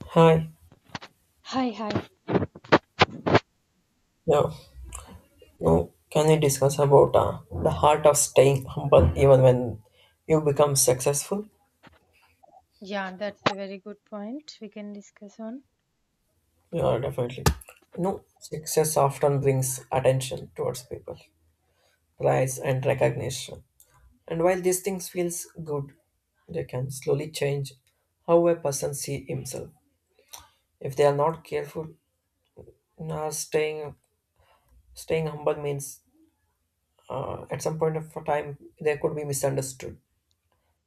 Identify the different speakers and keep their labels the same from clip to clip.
Speaker 1: Hi.
Speaker 2: Hi, hi.
Speaker 1: Yeah. No. Can we discuss about the heart of staying humble even when you become successful?
Speaker 2: Yeah, that's a very good point. We can discuss on.
Speaker 1: Yeah, definitely. No, success often brings attention towards people, prize and recognition. And while these things feels good, they can slowly change how a person see himself. If they are not careful, now staying humble means at some point of time they could be misunderstood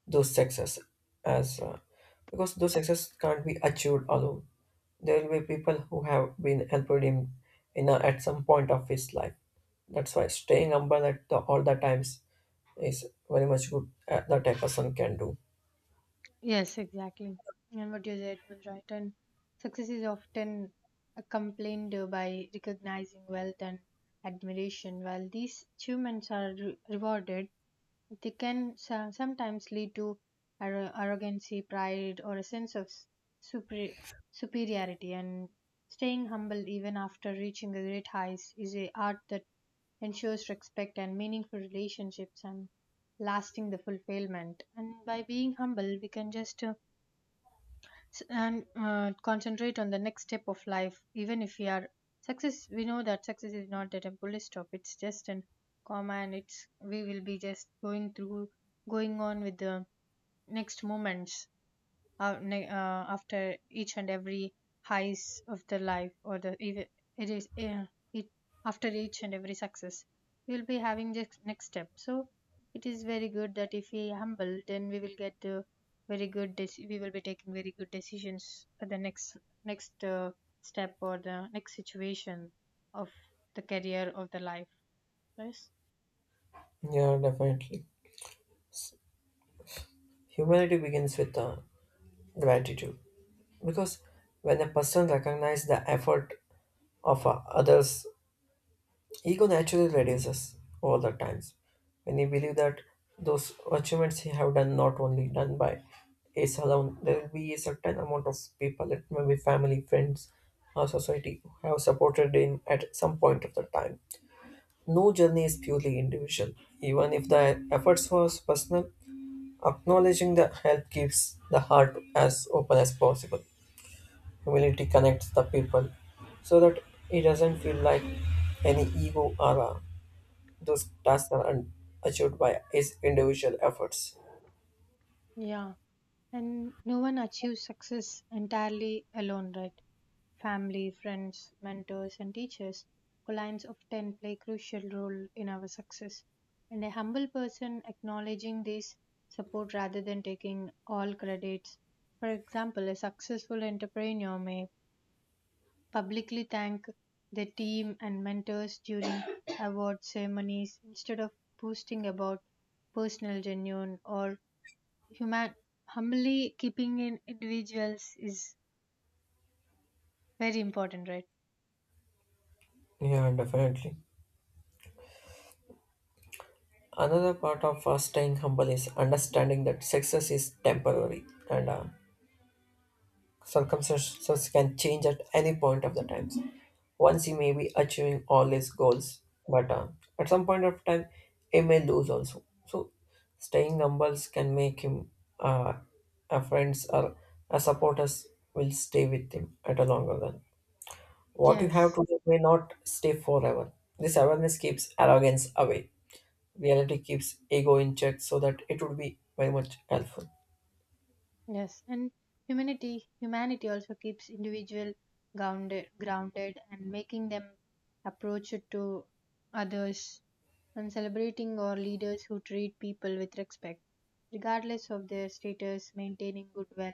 Speaker 1: those success as because those success can't be achieved alone, there will be people who have been helped him at some point of his life. That's why staying humble at all the times is very much good, that a person can do.
Speaker 2: Yes, exactly. And what you said was right. And success is often complained by recognizing wealth and admiration, while these achievements are rewarded. They can sometimes lead to arrogancy, pride, or a sense of super- superiority. And staying humble even after reaching the great heights is a art that ensures respect and meaningful relationships and lasting the fulfillment. And by being humble, we can just s- and concentrate on the next step of life even if we are success. We know that success is not at a bullet stop, it's just an comma, and it's we will be just going on with the next moments after each and every highs of the life or the even it is it after each and every success we will be having the next step, so it is very good that if we humble then we will get the very good dec- we will be taking very good decisions for the next step or the next situation of the career of the life. Yes.
Speaker 1: Yeah, definitely. Humility begins with gratitude, because when a person recognizes the effort of others, ego naturally reduces all the times. When you believe that those achievements you have done not only done by is alone, there will be a certain amount of people, it may be family, friends, or society, who have supported him at some point of the time. No journey is purely individual. Even if the efforts was personal, acknowledging the help keeps the heart as open as possible. Humility connects the people so that it doesn't feel like any ego or a those tasks are un- achieved by his individual efforts.
Speaker 2: Yeah. And no one achieves success entirely alone, right? Family, friends, mentors, and teachers who lines of 10 play crucial role in our success. And a humble person acknowledging this support rather than taking all credits. For example, a successful entrepreneur may publicly thank their team and mentors during award ceremonies instead of boasting about personal genuine or human humbly keeping in individuals is very important, right?
Speaker 1: Yeah, definitely. Another part of staying humble is understanding that success is temporary and, circumstances can change at any point of the times. Once he may be achieving all his goals, but at some point of time, he may lose also. So, staying humble can make him, uh, a friends or a supporters will stay with him at a longer run. What you have
Speaker 2: Yes,
Speaker 1: today may not stay forever. This awareness keeps arrogance away. Reality keeps ego in check so that it would be very much helpful.
Speaker 2: yes, and humanity humanity also keeps individual grounded and making them approach it to others and celebrating our leaders who treat people with respect regardless of their status maintaining goodwill.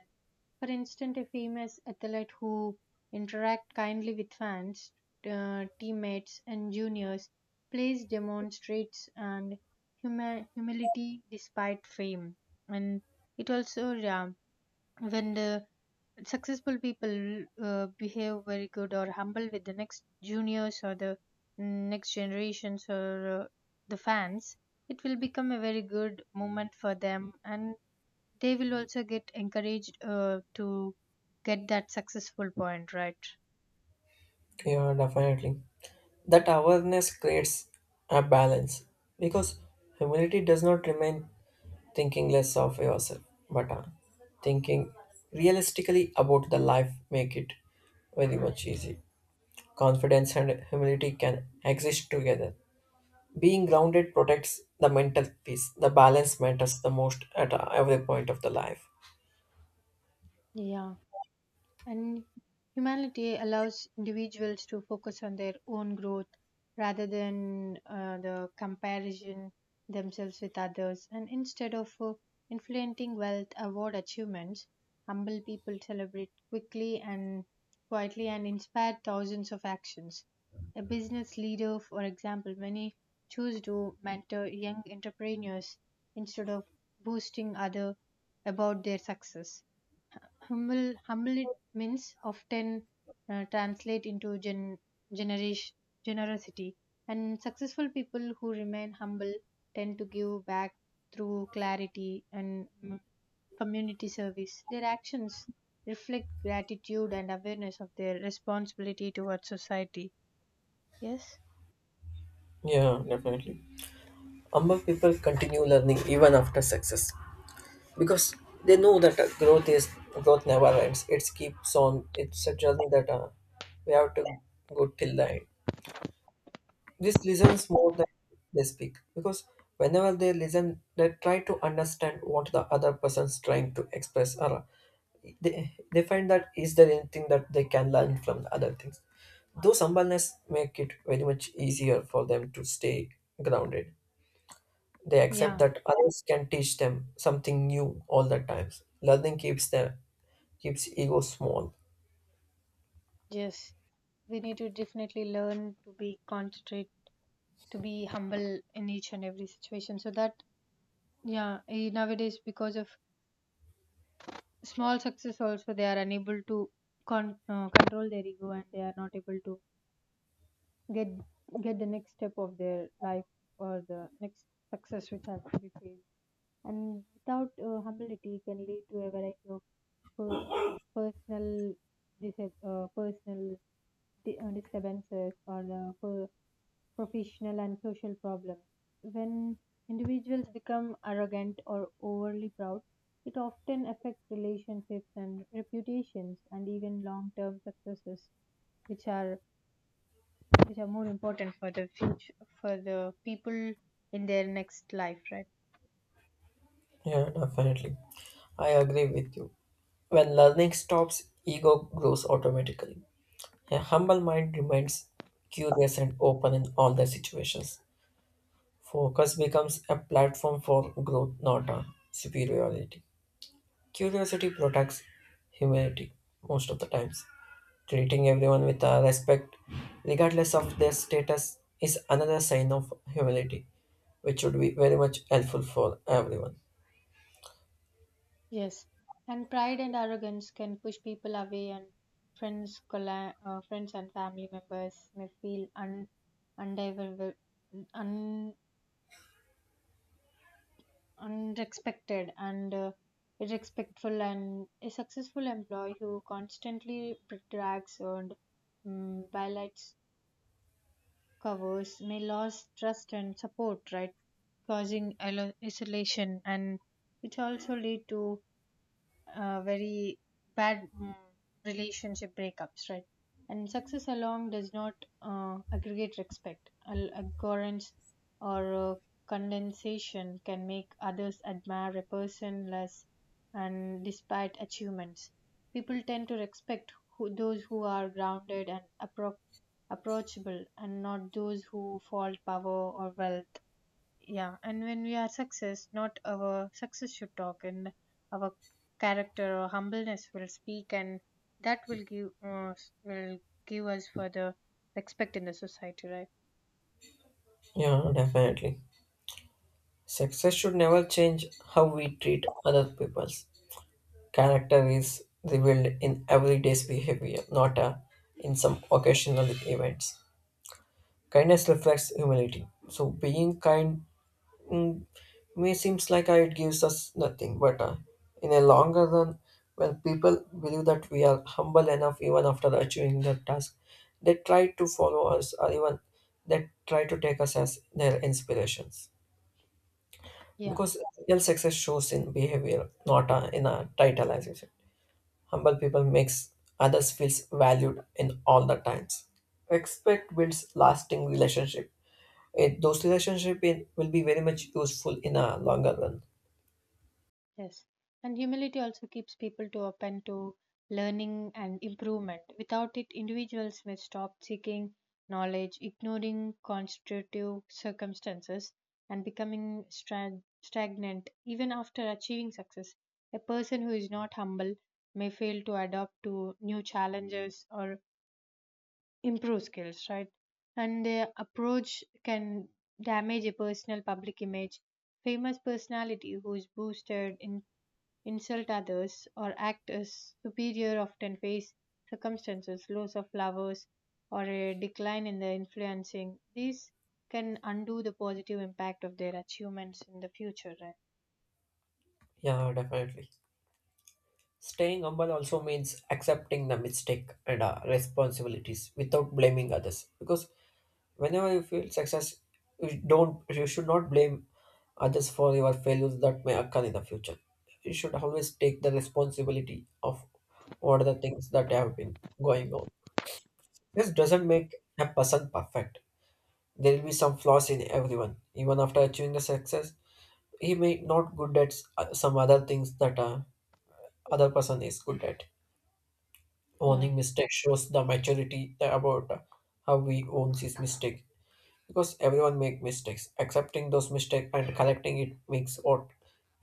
Speaker 2: For instance, a famous athlete who interact kindly with fans, teammates, and juniors plays demonstrates and humility despite fame, and it also, yeah, when the successful people behave very good or humble with the next juniors or the next generations or the fans, it will become a very good moment for them and they will also get encouraged to get that successful point, right?
Speaker 1: Yeah, definitely. That awareness creates a balance because humility does not remain thinking less of yourself, but, thinking realistically about the life make it very much easy. Confidence and humility can exist together. Being grounded protects the mental peace. The balance matters the most at every point of the life.
Speaker 2: Yeah. And humanity allows individuals to focus on their own growth rather than the comparison themselves with others. And instead of inflating wealth, award achievements, humble people celebrate quickly and quietly and inspire thousands of actions. A business leader, for example, many choose to mentor young entrepreneurs instead of boosting other about their success. Humble it means often translate into generation generosity, and successful people who remain humble tend to give back through clarity and community service. Their actions reflect gratitude and awareness of their responsibility towards society. Yes.
Speaker 1: Yeah, definitely. Humble people continue learning even after success because they know that growth never ends. It keeps on. It's a journey that, we have to go till the end. This listens more than they speak because whenever they listen, they try to understand what the other person's trying to express, or they find that is there anything that they can learn from the other things. Those humbleness make it very much easier for them to stay grounded. They accept
Speaker 2: Yeah,
Speaker 1: that others can teach them something new all the times. Learning keeps their keeps ego small.
Speaker 2: yes, we need to definitely learn to be humble in each and every situation so that... Yeah, nowadays because of small success also they are unable to control their ego, and they are not able to get get the next step of their life or the next success which has to be faced. And without humility can lead to a variety of per- personal dis- uh, personal disturbances or the professional, and social problems. When individuals become arrogant or overly proud, it often affects relationships and reputations and even long-term successes, which are which are more important for the future for the people in their next life, right?
Speaker 1: Yeah, definitely. I agree with you. When learning stops, ego grows automatically. A humble mind remains curious and open in all the situations. Focus becomes a platform for growth, not a superiority. Curiosity protects humanity most of the times. Treating everyone with, respect, regardless of their status, is another sign of humility, which would be very much helpful for everyone.
Speaker 2: Yes, and pride and arrogance can push people away, and friends, and family members may feel unavailable, and and is and a successful employee who constantly brags and violates covers may lose trust and support, right? Causing isolation, and it also lead to very bad relationship breakups, right? And success alone does not aggregate respect. Abhorrence or condensation can make others admire a person less, and despite achievements, people tend to respect who, those who are grounded and approachable, and not those who fault power or wealth. Yeah, and when we are success not our success should talk, and our character or humbleness will speak, and that will will give us further respect in the society, right?
Speaker 1: Yeah, definitely. Success should never change how we treat other peoples. Character is revealed in everyday's behavior, not, in some occasional events. Kindness reflects humility. So being kind may seems like, it gives us nothing, but, in a longer run, when people believe that we are humble enough even after achieving their task, they try to follow us or even they try to take us as their inspirations.
Speaker 2: Yeah.
Speaker 1: Because real success shows in behavior, not, in a title, as you said. Humble people makes others feels valued in all the times. Respect builds lasting relationships, it, those relationships will be very much useful in a longer run.
Speaker 2: Yes. And humility also keeps people to open to learning and improvement. Without it, individuals may stop seeking knowledge, ignoring constitutive circumstances, and becoming stagnant even after achieving success. A person who is not humble may fail to adapt to new challenges or improve skills, right? And their approach can damage a personal public image. Famous personality who is boosted in insult others, or act as superior often face circumstances, loss of lovers, or a decline in their influencing. These can undo the positive impact of their achievements in the future, right?
Speaker 1: Yeah, definitely. Staying humble also means accepting the mistake and, responsibilities without blaming others, because whenever you feel success you should not blame others for your failures that may occur in the future. You should always take the responsibility of what are the things that have been going on. This doesn't make a person perfect. There will be some flaws in everyone even after achieving the success. He may not good at some other things that, other person is good at.
Speaker 2: Yeah.
Speaker 1: Owning mistake shows the maturity that about, how we owns his mistake, because everyone make mistakes. Accepting those mistakes and correcting it makes what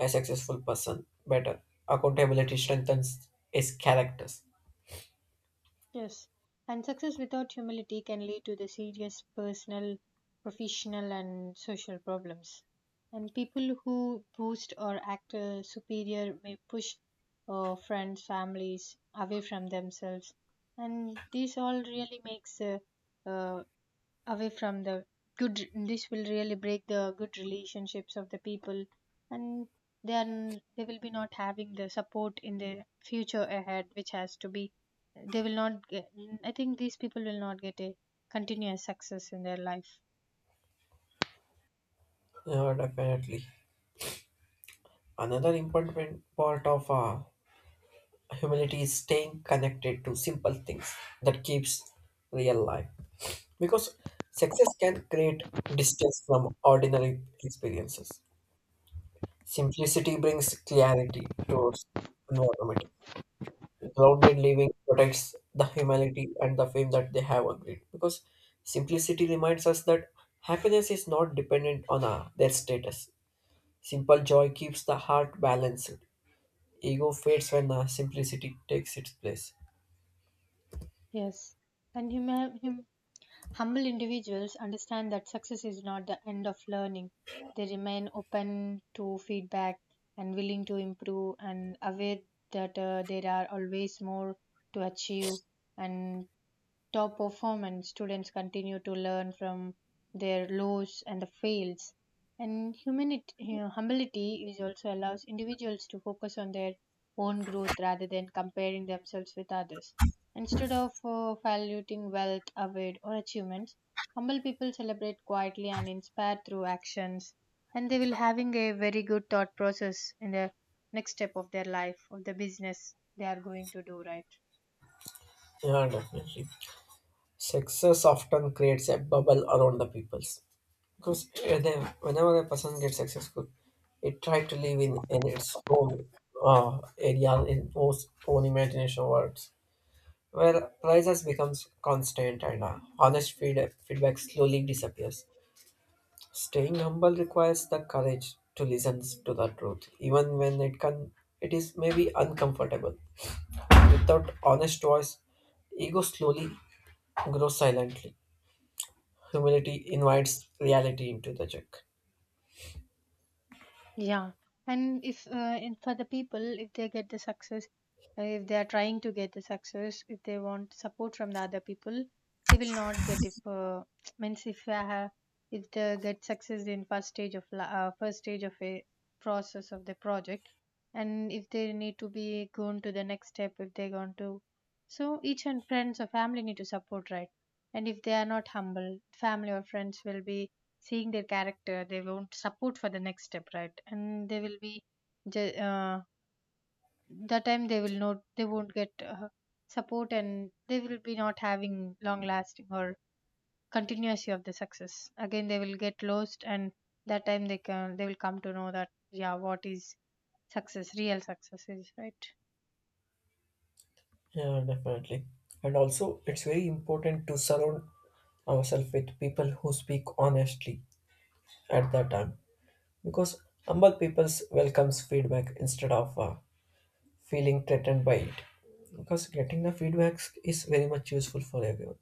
Speaker 1: a successful person better. Accountability strengthens his characters.
Speaker 2: Yes, and success without humility can lead to the serious personal, professional, and social problems. And people who boast or act superior may push friends, families away from themselves, and this all really makes uh, away from the good. This will really break the good relationships of the people, and then they will be not having the support in the future ahead which has to be they will not get I think these people will not get a continuous success in their life.
Speaker 1: Yeah, definitely. Another important part of, humility is staying connected to simple things that keeps real life. Because success can create distance from ordinary experiences. Simplicity brings clarity towards environment. Grounded living protects the humility and the fame that they have agreed. Because simplicity reminds us that happiness is not dependent on, their status. Simple joy keeps the heart balanced. Ego fades when, simplicity takes its place.
Speaker 2: Yes. And human humble individuals understand that success is not the end of learning. They remain open to feedback and willing to improve and aware that there are always more to achieve, and top performance, students continue to learn from their lows and the fails. And humility is also allows individuals to focus on their own growth rather than comparing themselves with others. Instead of valuing wealth, award, or achievements, humble people celebrate quietly and inspire through actions, and they will having a very good thought process in the next step of their life, of the business they are going to do, right?
Speaker 1: Yeah, definitely. Success often creates a bubble around the peoples. Because whenever a person gets successful, it tries to live in its own, area, in its own imagination worlds, where prizes becomes constant and, honest feedback slowly disappears. Staying humble requires the courage to listen to the truth, even when it is maybe uncomfortable. Without honest voice, ego slowly grows silently. Humility invites reality into the joke.
Speaker 2: Yeah, and if in, for the people, if they get the success, if they are trying to get the success, if they want support from the other people, they will not get if means if I have if they get success in first stage of a process of the project, and if they need to be gone to the next step, if they gone to, so each and friends or family need to support, right? And if they are not humble, family or friends will be seeing their character, they won't support for the next step, right? And they will be ju- uh, that time they will not they won't get support, and they will be not having long lasting or continuity of the success, again they will get lost, and that time they will come to know that yeah, what is success real success is, right?
Speaker 1: Yeah, definitely. And also, it's very important to surround ourselves with people who speak honestly at that time, because humble people welcomes feedback instead of, feeling threatened by it. Because getting the feedback is very much useful for everyone.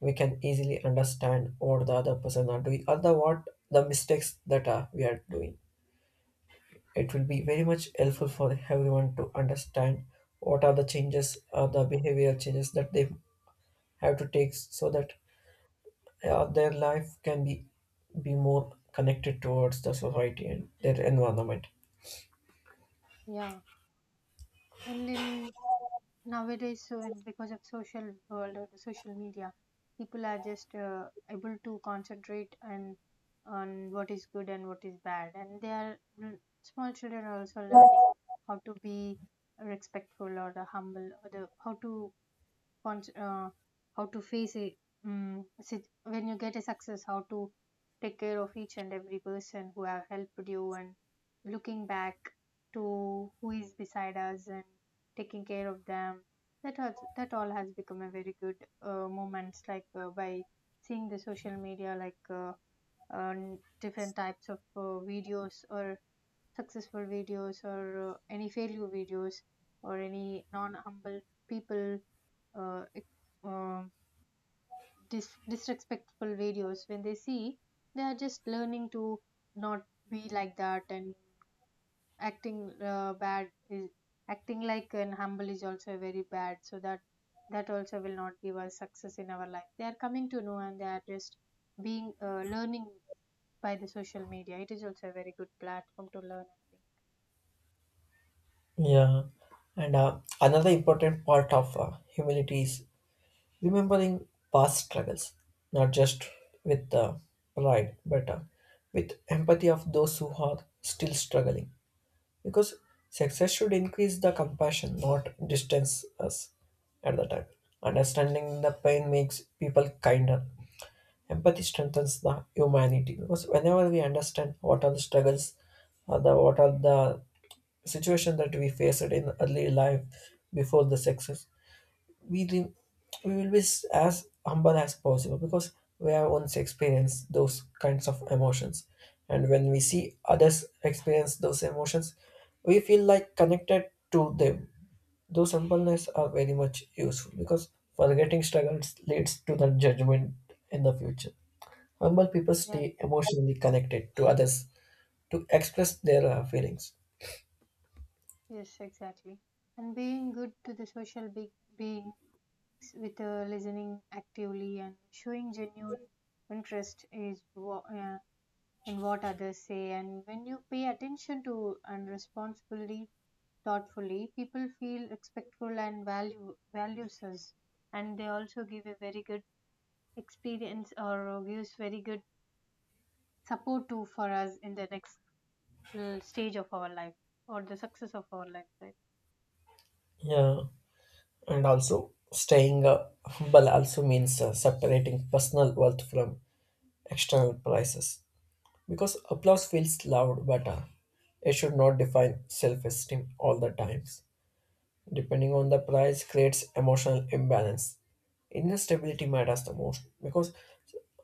Speaker 1: We can easily understand what the other person are doing or the what the mistakes that, we are doing. It will be very much helpful for everyone to understand what are the changes or the behavioral changes that they have to take so that, their life can be more connected towards the society and their environment.
Speaker 2: Yeah, and in nowadays because of social world or the social media people are just able to concentrate and on what is good and what is bad, and small children are also learning how to be respectful or the humble or the how to con- uh, how to face it, sit when you get a success how to take care of each and every person who have helped you and looking back to who is beside us and taking care of them, that has that all has become a very good moments like by seeing the social media like different types of videos or successful videos or any failure videos or any non humble people uh, it- um disrespectful videos when they see they are just learning to not be like that, and acting bad is acting like an humble is also very bad, so that that also will not give us success in our life, they are coming to know, and they are just being learning by the social media, it is also a very good platform to learn, I think.
Speaker 1: Yeah, and, another important part of, humility is remembering past struggles, not just with, pride, but, with empathy of those who are still struggling, because success should increase the compassion, not distance us at the time. Understanding the pain makes people kinder. Empathy strengthens the humanity because whenever we understand what are the struggles, or the what are the situation that we faced in early life before the success, we re- we will be as humble as possible, because we have once experienced those kinds of emotions, and when we see others experience those emotions, we feel like connected to them. Those humbleness are very much useful, because forgetting struggles leads to the judgment in the future. Humble people
Speaker 2: Yeah.
Speaker 1: stay emotionally connected to others to express their, feelings.
Speaker 2: Yes, exactly. And being good to the social being with listening actively and showing genuine interest is in what others say, and when you pay attention to and responsibly thoughtfully people feel respectful and value values us, and they also give a very good experience or gives very good support to for us in the next stage of our life or the success of our life, right?
Speaker 1: Yeah, and also staying, humble also means, separating personal wealth from external prices, because applause feels loud, but, it should not define self-esteem all the times. Depending on the price creates emotional imbalance. Inner stability matters the most, because,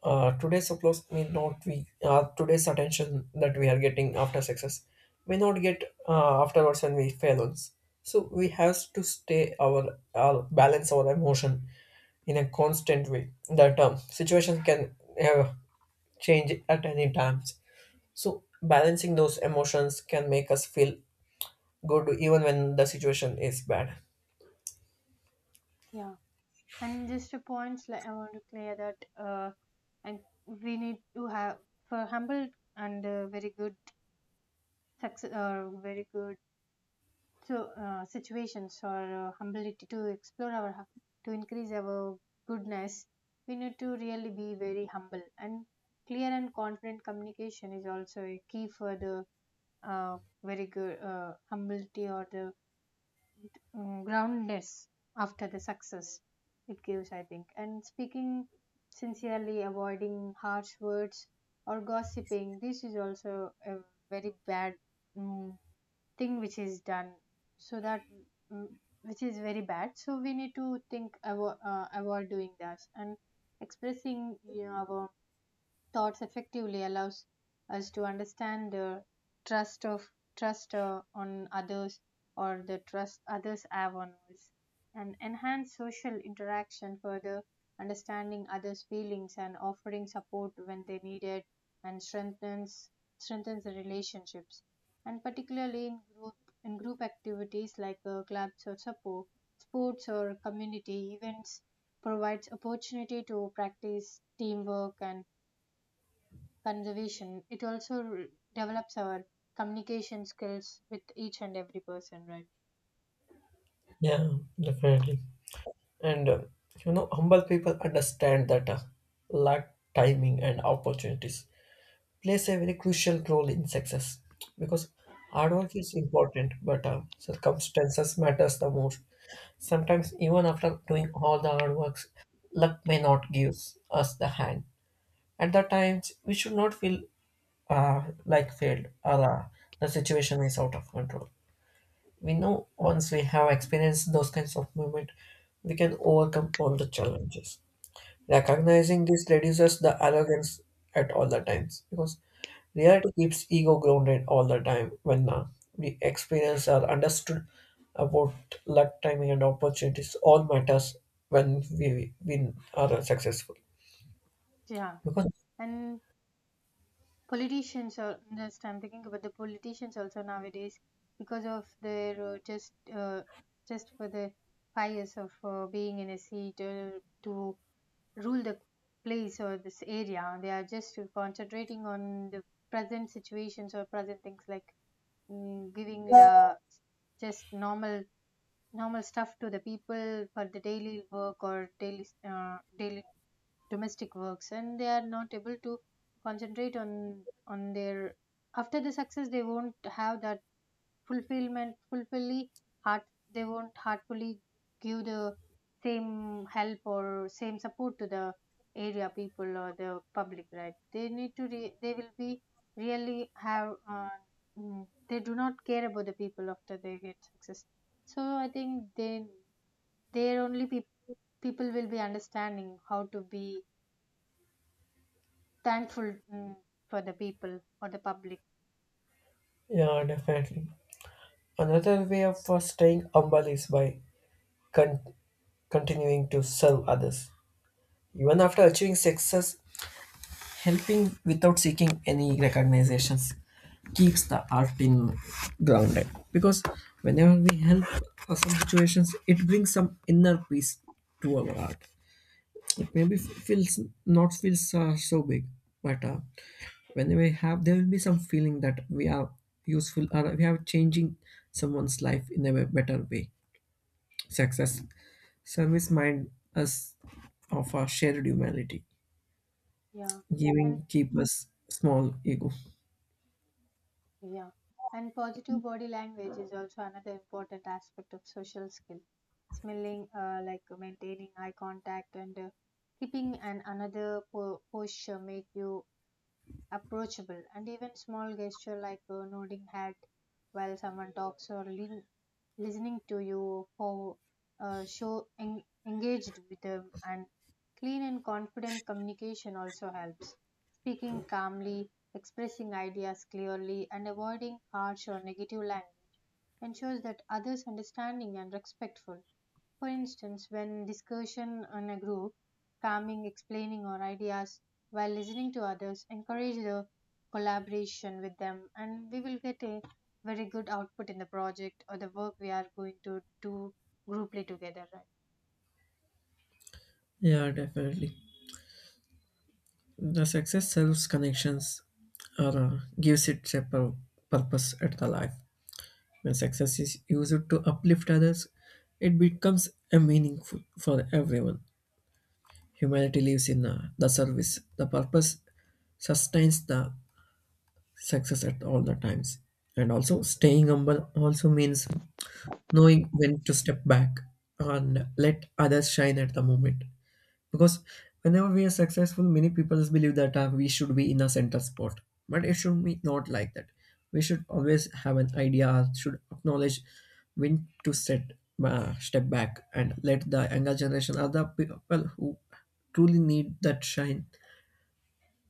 Speaker 1: today's applause may not be, today's attention that we are getting after success may not get, afterwards when we fail once. So we have to stay our, balance our emotion in a constant way, that, situation can, uh, change at any times. So balancing those emotions can make us feel good even when the situation is bad.
Speaker 2: Yeah, and just a point like I want to clear that, uh, and we need to have for humble, and very good success or very good, so situations or humility to increase our goodness, we need to really be very humble, and clear and confident communication is also a key for the uh, very good humility or the groundless After the success, it gives, I think. And speaking sincerely, avoiding harsh words or gossiping, this is also a very bad mm, thing which is done. So that mm, which is very bad. So we need to think avoid doing that and expressing our thoughts effectively allows us to understand the trust of trust on others or the trust others have on us and enhance social interaction further, understanding others' feelings and offering support when they need it, and strengthens the relationships, and particularly in group activities like clubs or support, sports or community events, provides opportunity to practice teamwork and conservation. It also develops our communication skills with each and every person, right?
Speaker 1: Yeah, definitely. And, you know, humble people understand that, luck, timing, and opportunities plays a very crucial role in success, because hard work is important, but, circumstances matters the most. Sometimes, even after doing all the hard works, luck may not give us the hand. At that times, we should not feel, like failed or, the situation is out of control. We know once we have experienced those kinds of movement, we can overcome all the challenges. Recognizing this reduces the arrogance at all the times, because reality keeps ego grounded all the time when, we experience or understood about luck, timing, and opportunities all matters when we win are successful.
Speaker 2: Yeah.
Speaker 1: Because
Speaker 2: And politicians are just, I'm thinking about the politicians also nowadays, because of their just for the 5 years of being in a seat to rule the place or this area, they are just concentrating on the present situations or present things like giving the just normal stuff to the people for the daily work or daily domestic works, and they are not able to concentrate on their. After the success, they won't have that fulfillment fulfilly heart. They won't heartfully give the same help or same support to the area people or the public, right? They need to they will be really have mm, they do not care about the people after they get success. So I think they, their only peop people will be understanding how to be thankful, mm, for the people or the public.
Speaker 1: yeah, definitely. Another way of, staying humble is by con- continuing to serve others. Even after achieving success, helping without seeking any recognitions keeps the art in grounded. Because whenever we help for some situations, it brings some inner peace to our art. It maybe feels not feels so big, but, when we have, there will be some feeling that we are useful or we are changing someone's life in a better way. Success service mind us of our shared humanity.
Speaker 2: Yeah. And
Speaker 1: Giving keep us small ego.
Speaker 2: yeah, and positive body language is also another important aspect of social skill. Smiling, like maintaining eye contact, and keeping an another posture make you approachable, and even small gesture like a nodding hat while someone talks or lean, listening to you for show engaged with them. And clean and confident communication also helps. Speaking calmly, expressing ideas clearly, and avoiding harsh or negative language ensures that others' understanding and respectful. For instance, when discussion in a group, calming, explaining our ideas while listening to others, encourage the collaboration with them, and we will get a very good output in the project or the work we are going to do grouply together, right?
Speaker 1: Yeah, definitely. The success sells connections or, gives it a purpose at the life. When success is used to uplift others, it becomes a meaningful for everyone. Humanity lives in, the service. The purpose sustains the success at all the times. And also staying humble also means knowing when to step back and let others shine at the moment, because whenever we are successful many people believe that, we should be in a center spot, but it should be not like that. We should always have an idea should acknowledge when to set step back and let the younger generation other people who truly need that shine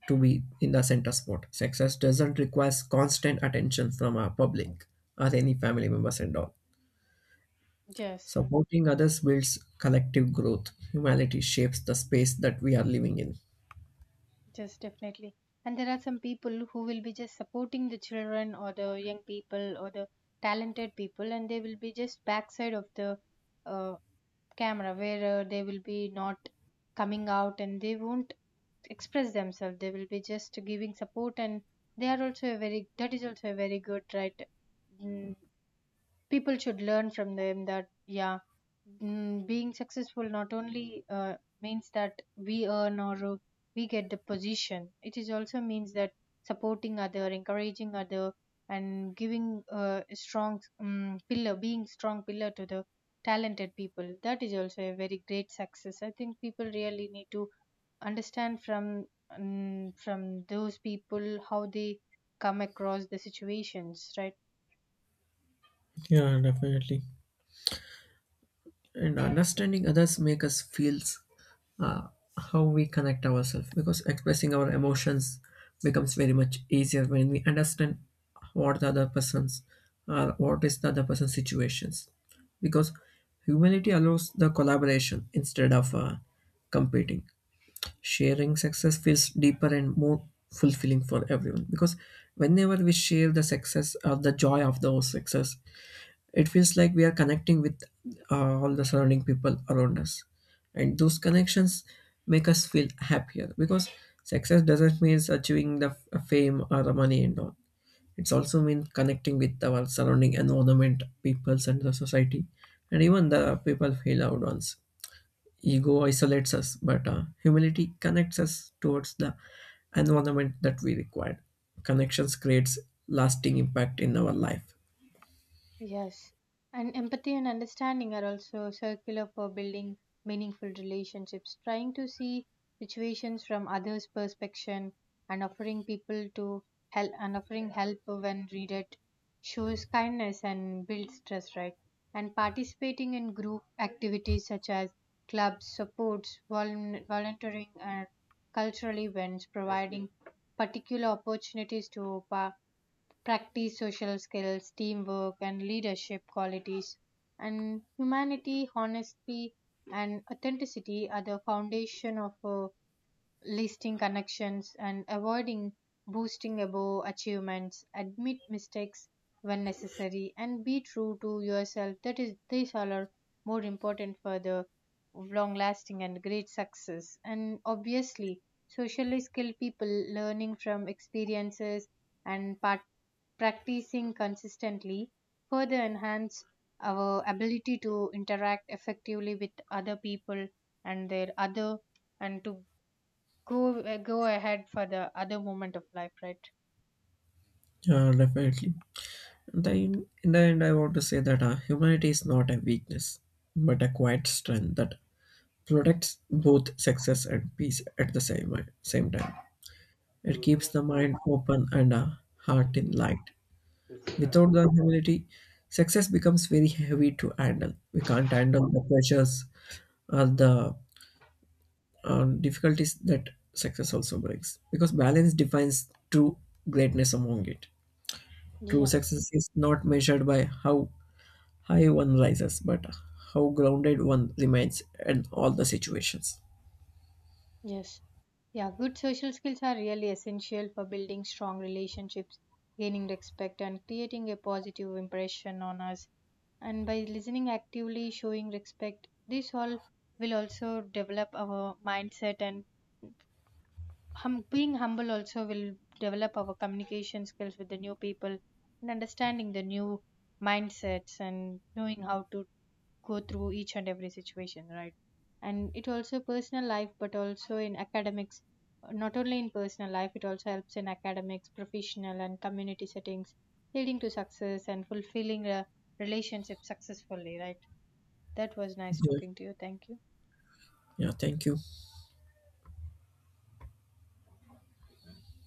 Speaker 1: to be in the center spot. Success doesn't require constant attention from our public or any family members and all.
Speaker 2: Yes,
Speaker 1: Supporting others builds collective growth. Humanity shapes the space that we are living in.
Speaker 2: yes, definitely. And there are some people who will be just supporting the children or the young people or the talented people, and they will be just backside of the uh, camera, where they will be not coming out and they won't express themselves. They will be just giving support, and they are also a very, that is also a very good, right? Mm, people should learn from them that yeah, mm, being successful not only means that we earn or we get the position, it is also means that supporting other, encouraging other, and giving a strong pillar, being strong pillar to the talented people, that is also a very great success. I think people really need to understand from those people how they come across the situations, right?
Speaker 1: Yeah, definitely. And understanding others make us feel, uh, how we connect ourselves, because expressing our emotions becomes very much easier when we understand what the other person's or what is the other person's situations. Because humanity allows the collaboration instead of, competing. Sharing success feels deeper and more fulfilling for everyone, because whenever we share the success or the joy of those success it feels like we are connecting with, all the surrounding people around us, and those connections make us feel happier, because success doesn't mean achieving the fame or the money and all. It's also mean connecting with our surrounding environment peoples and the society and even the people feel loved ones. Ego isolates us, but, humility connects us towards the environment that we require. Connections creates lasting impact in our life.
Speaker 2: Yes, and empathy and understanding are also circular for building meaningful relationships. Trying to see situations from others' perspective and offering people to help, and offering help when needed, shows kindness and builds trust, right? And participating in group activities such as clubs, supports, volunteering, and cultural events, providing particular opportunities to practice social skills, teamwork, and leadership qualities. And humanity, honesty, and authenticity are the foundation of a listing connections, and avoiding boosting above achievements, admit mistakes when necessary, and be true to yourself, that is, these all are more important for the long lasting and great success. And obviously, socially skilled people, learning from experiences and practicing consistently, further enhance our ability to interact effectively with other people and their other, and to go go ahead for the other moment of life, right?
Speaker 1: Yeah, definitely. In the end, I want to say that, humanity is not a weakness, but a quiet strength that protects both success and peace at the same time. It keeps the mind open and a heart in light. Without the humility, success becomes very heavy to handle. We can't handle the pressures or the, difficulties that success also brings, because balance defines true greatness among it. True
Speaker 2: Yeah,
Speaker 1: success is not measured by how high one rises, but how grounded one remains in all the situations.
Speaker 2: yes, yeah, good social skills are really essential for building strong relationships, gaining respect, and creating a positive impression on us. And by listening actively, showing respect, this all will also develop our mindset. And being humble also will develop our communication skills with the new people and understanding the new mindsets and knowing how to go through each and every situation, right? And it also personal life but also in academics, not only in personal life, it also helps in academics, professional and community settings, leading to success and fulfilling a relationship successfully, right? That was nice
Speaker 1: Yeah,
Speaker 2: talking to you, thank you.
Speaker 1: yeah, thank you.